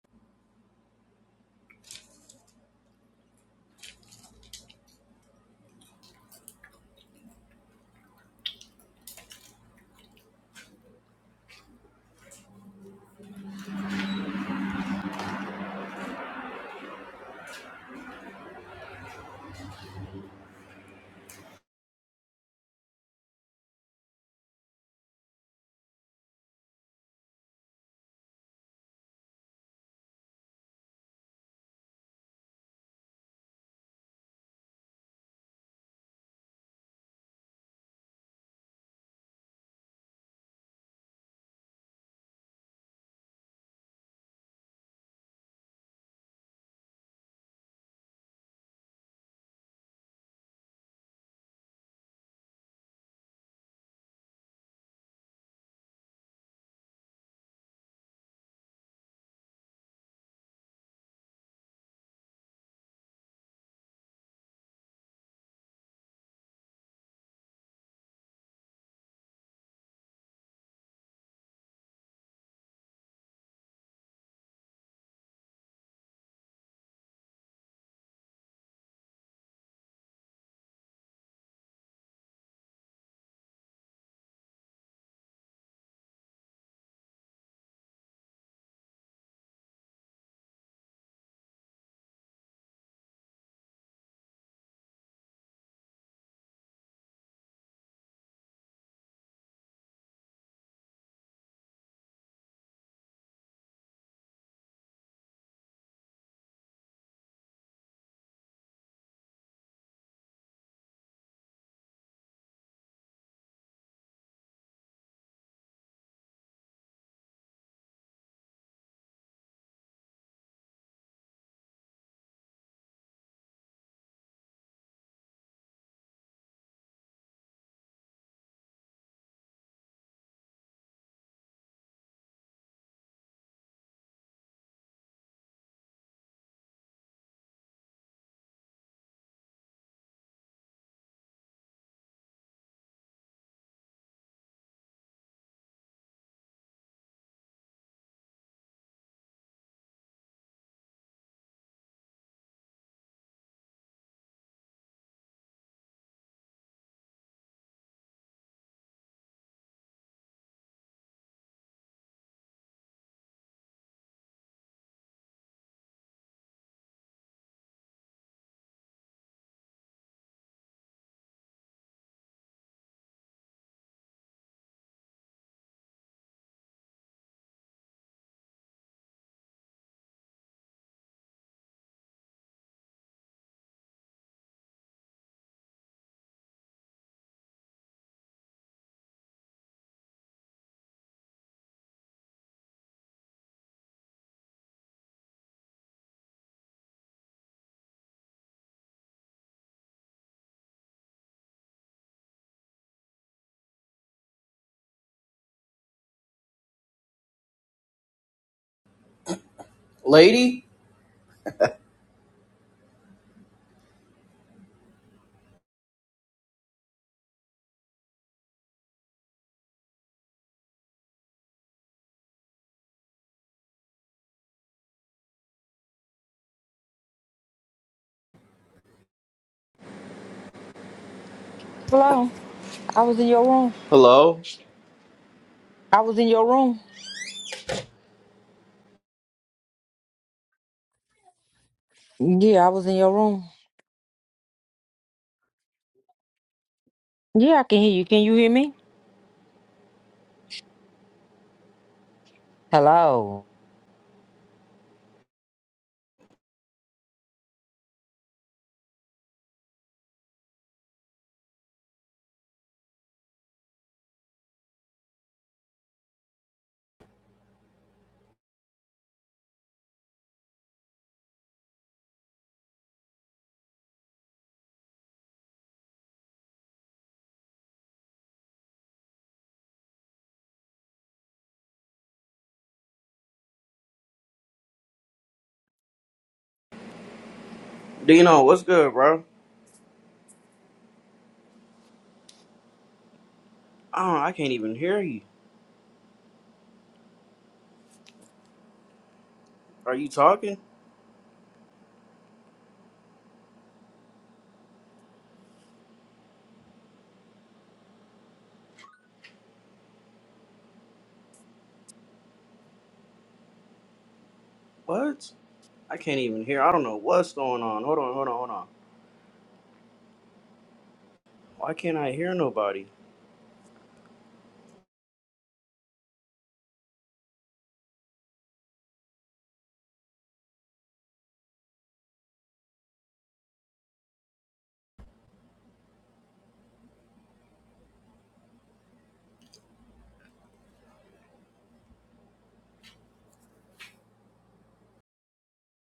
Lady? Hello. I was in your room. Hello? I was in your room. Yeah, I was in your room. Yeah, I can hear you. Can you hear me? Hello. Dino, what's good, bro? Oh, I can't even hear you. Are you talking? What? I can't even hear. I don't know what's going on. Hold on, hold on, hold on. Why can't I hear nobody?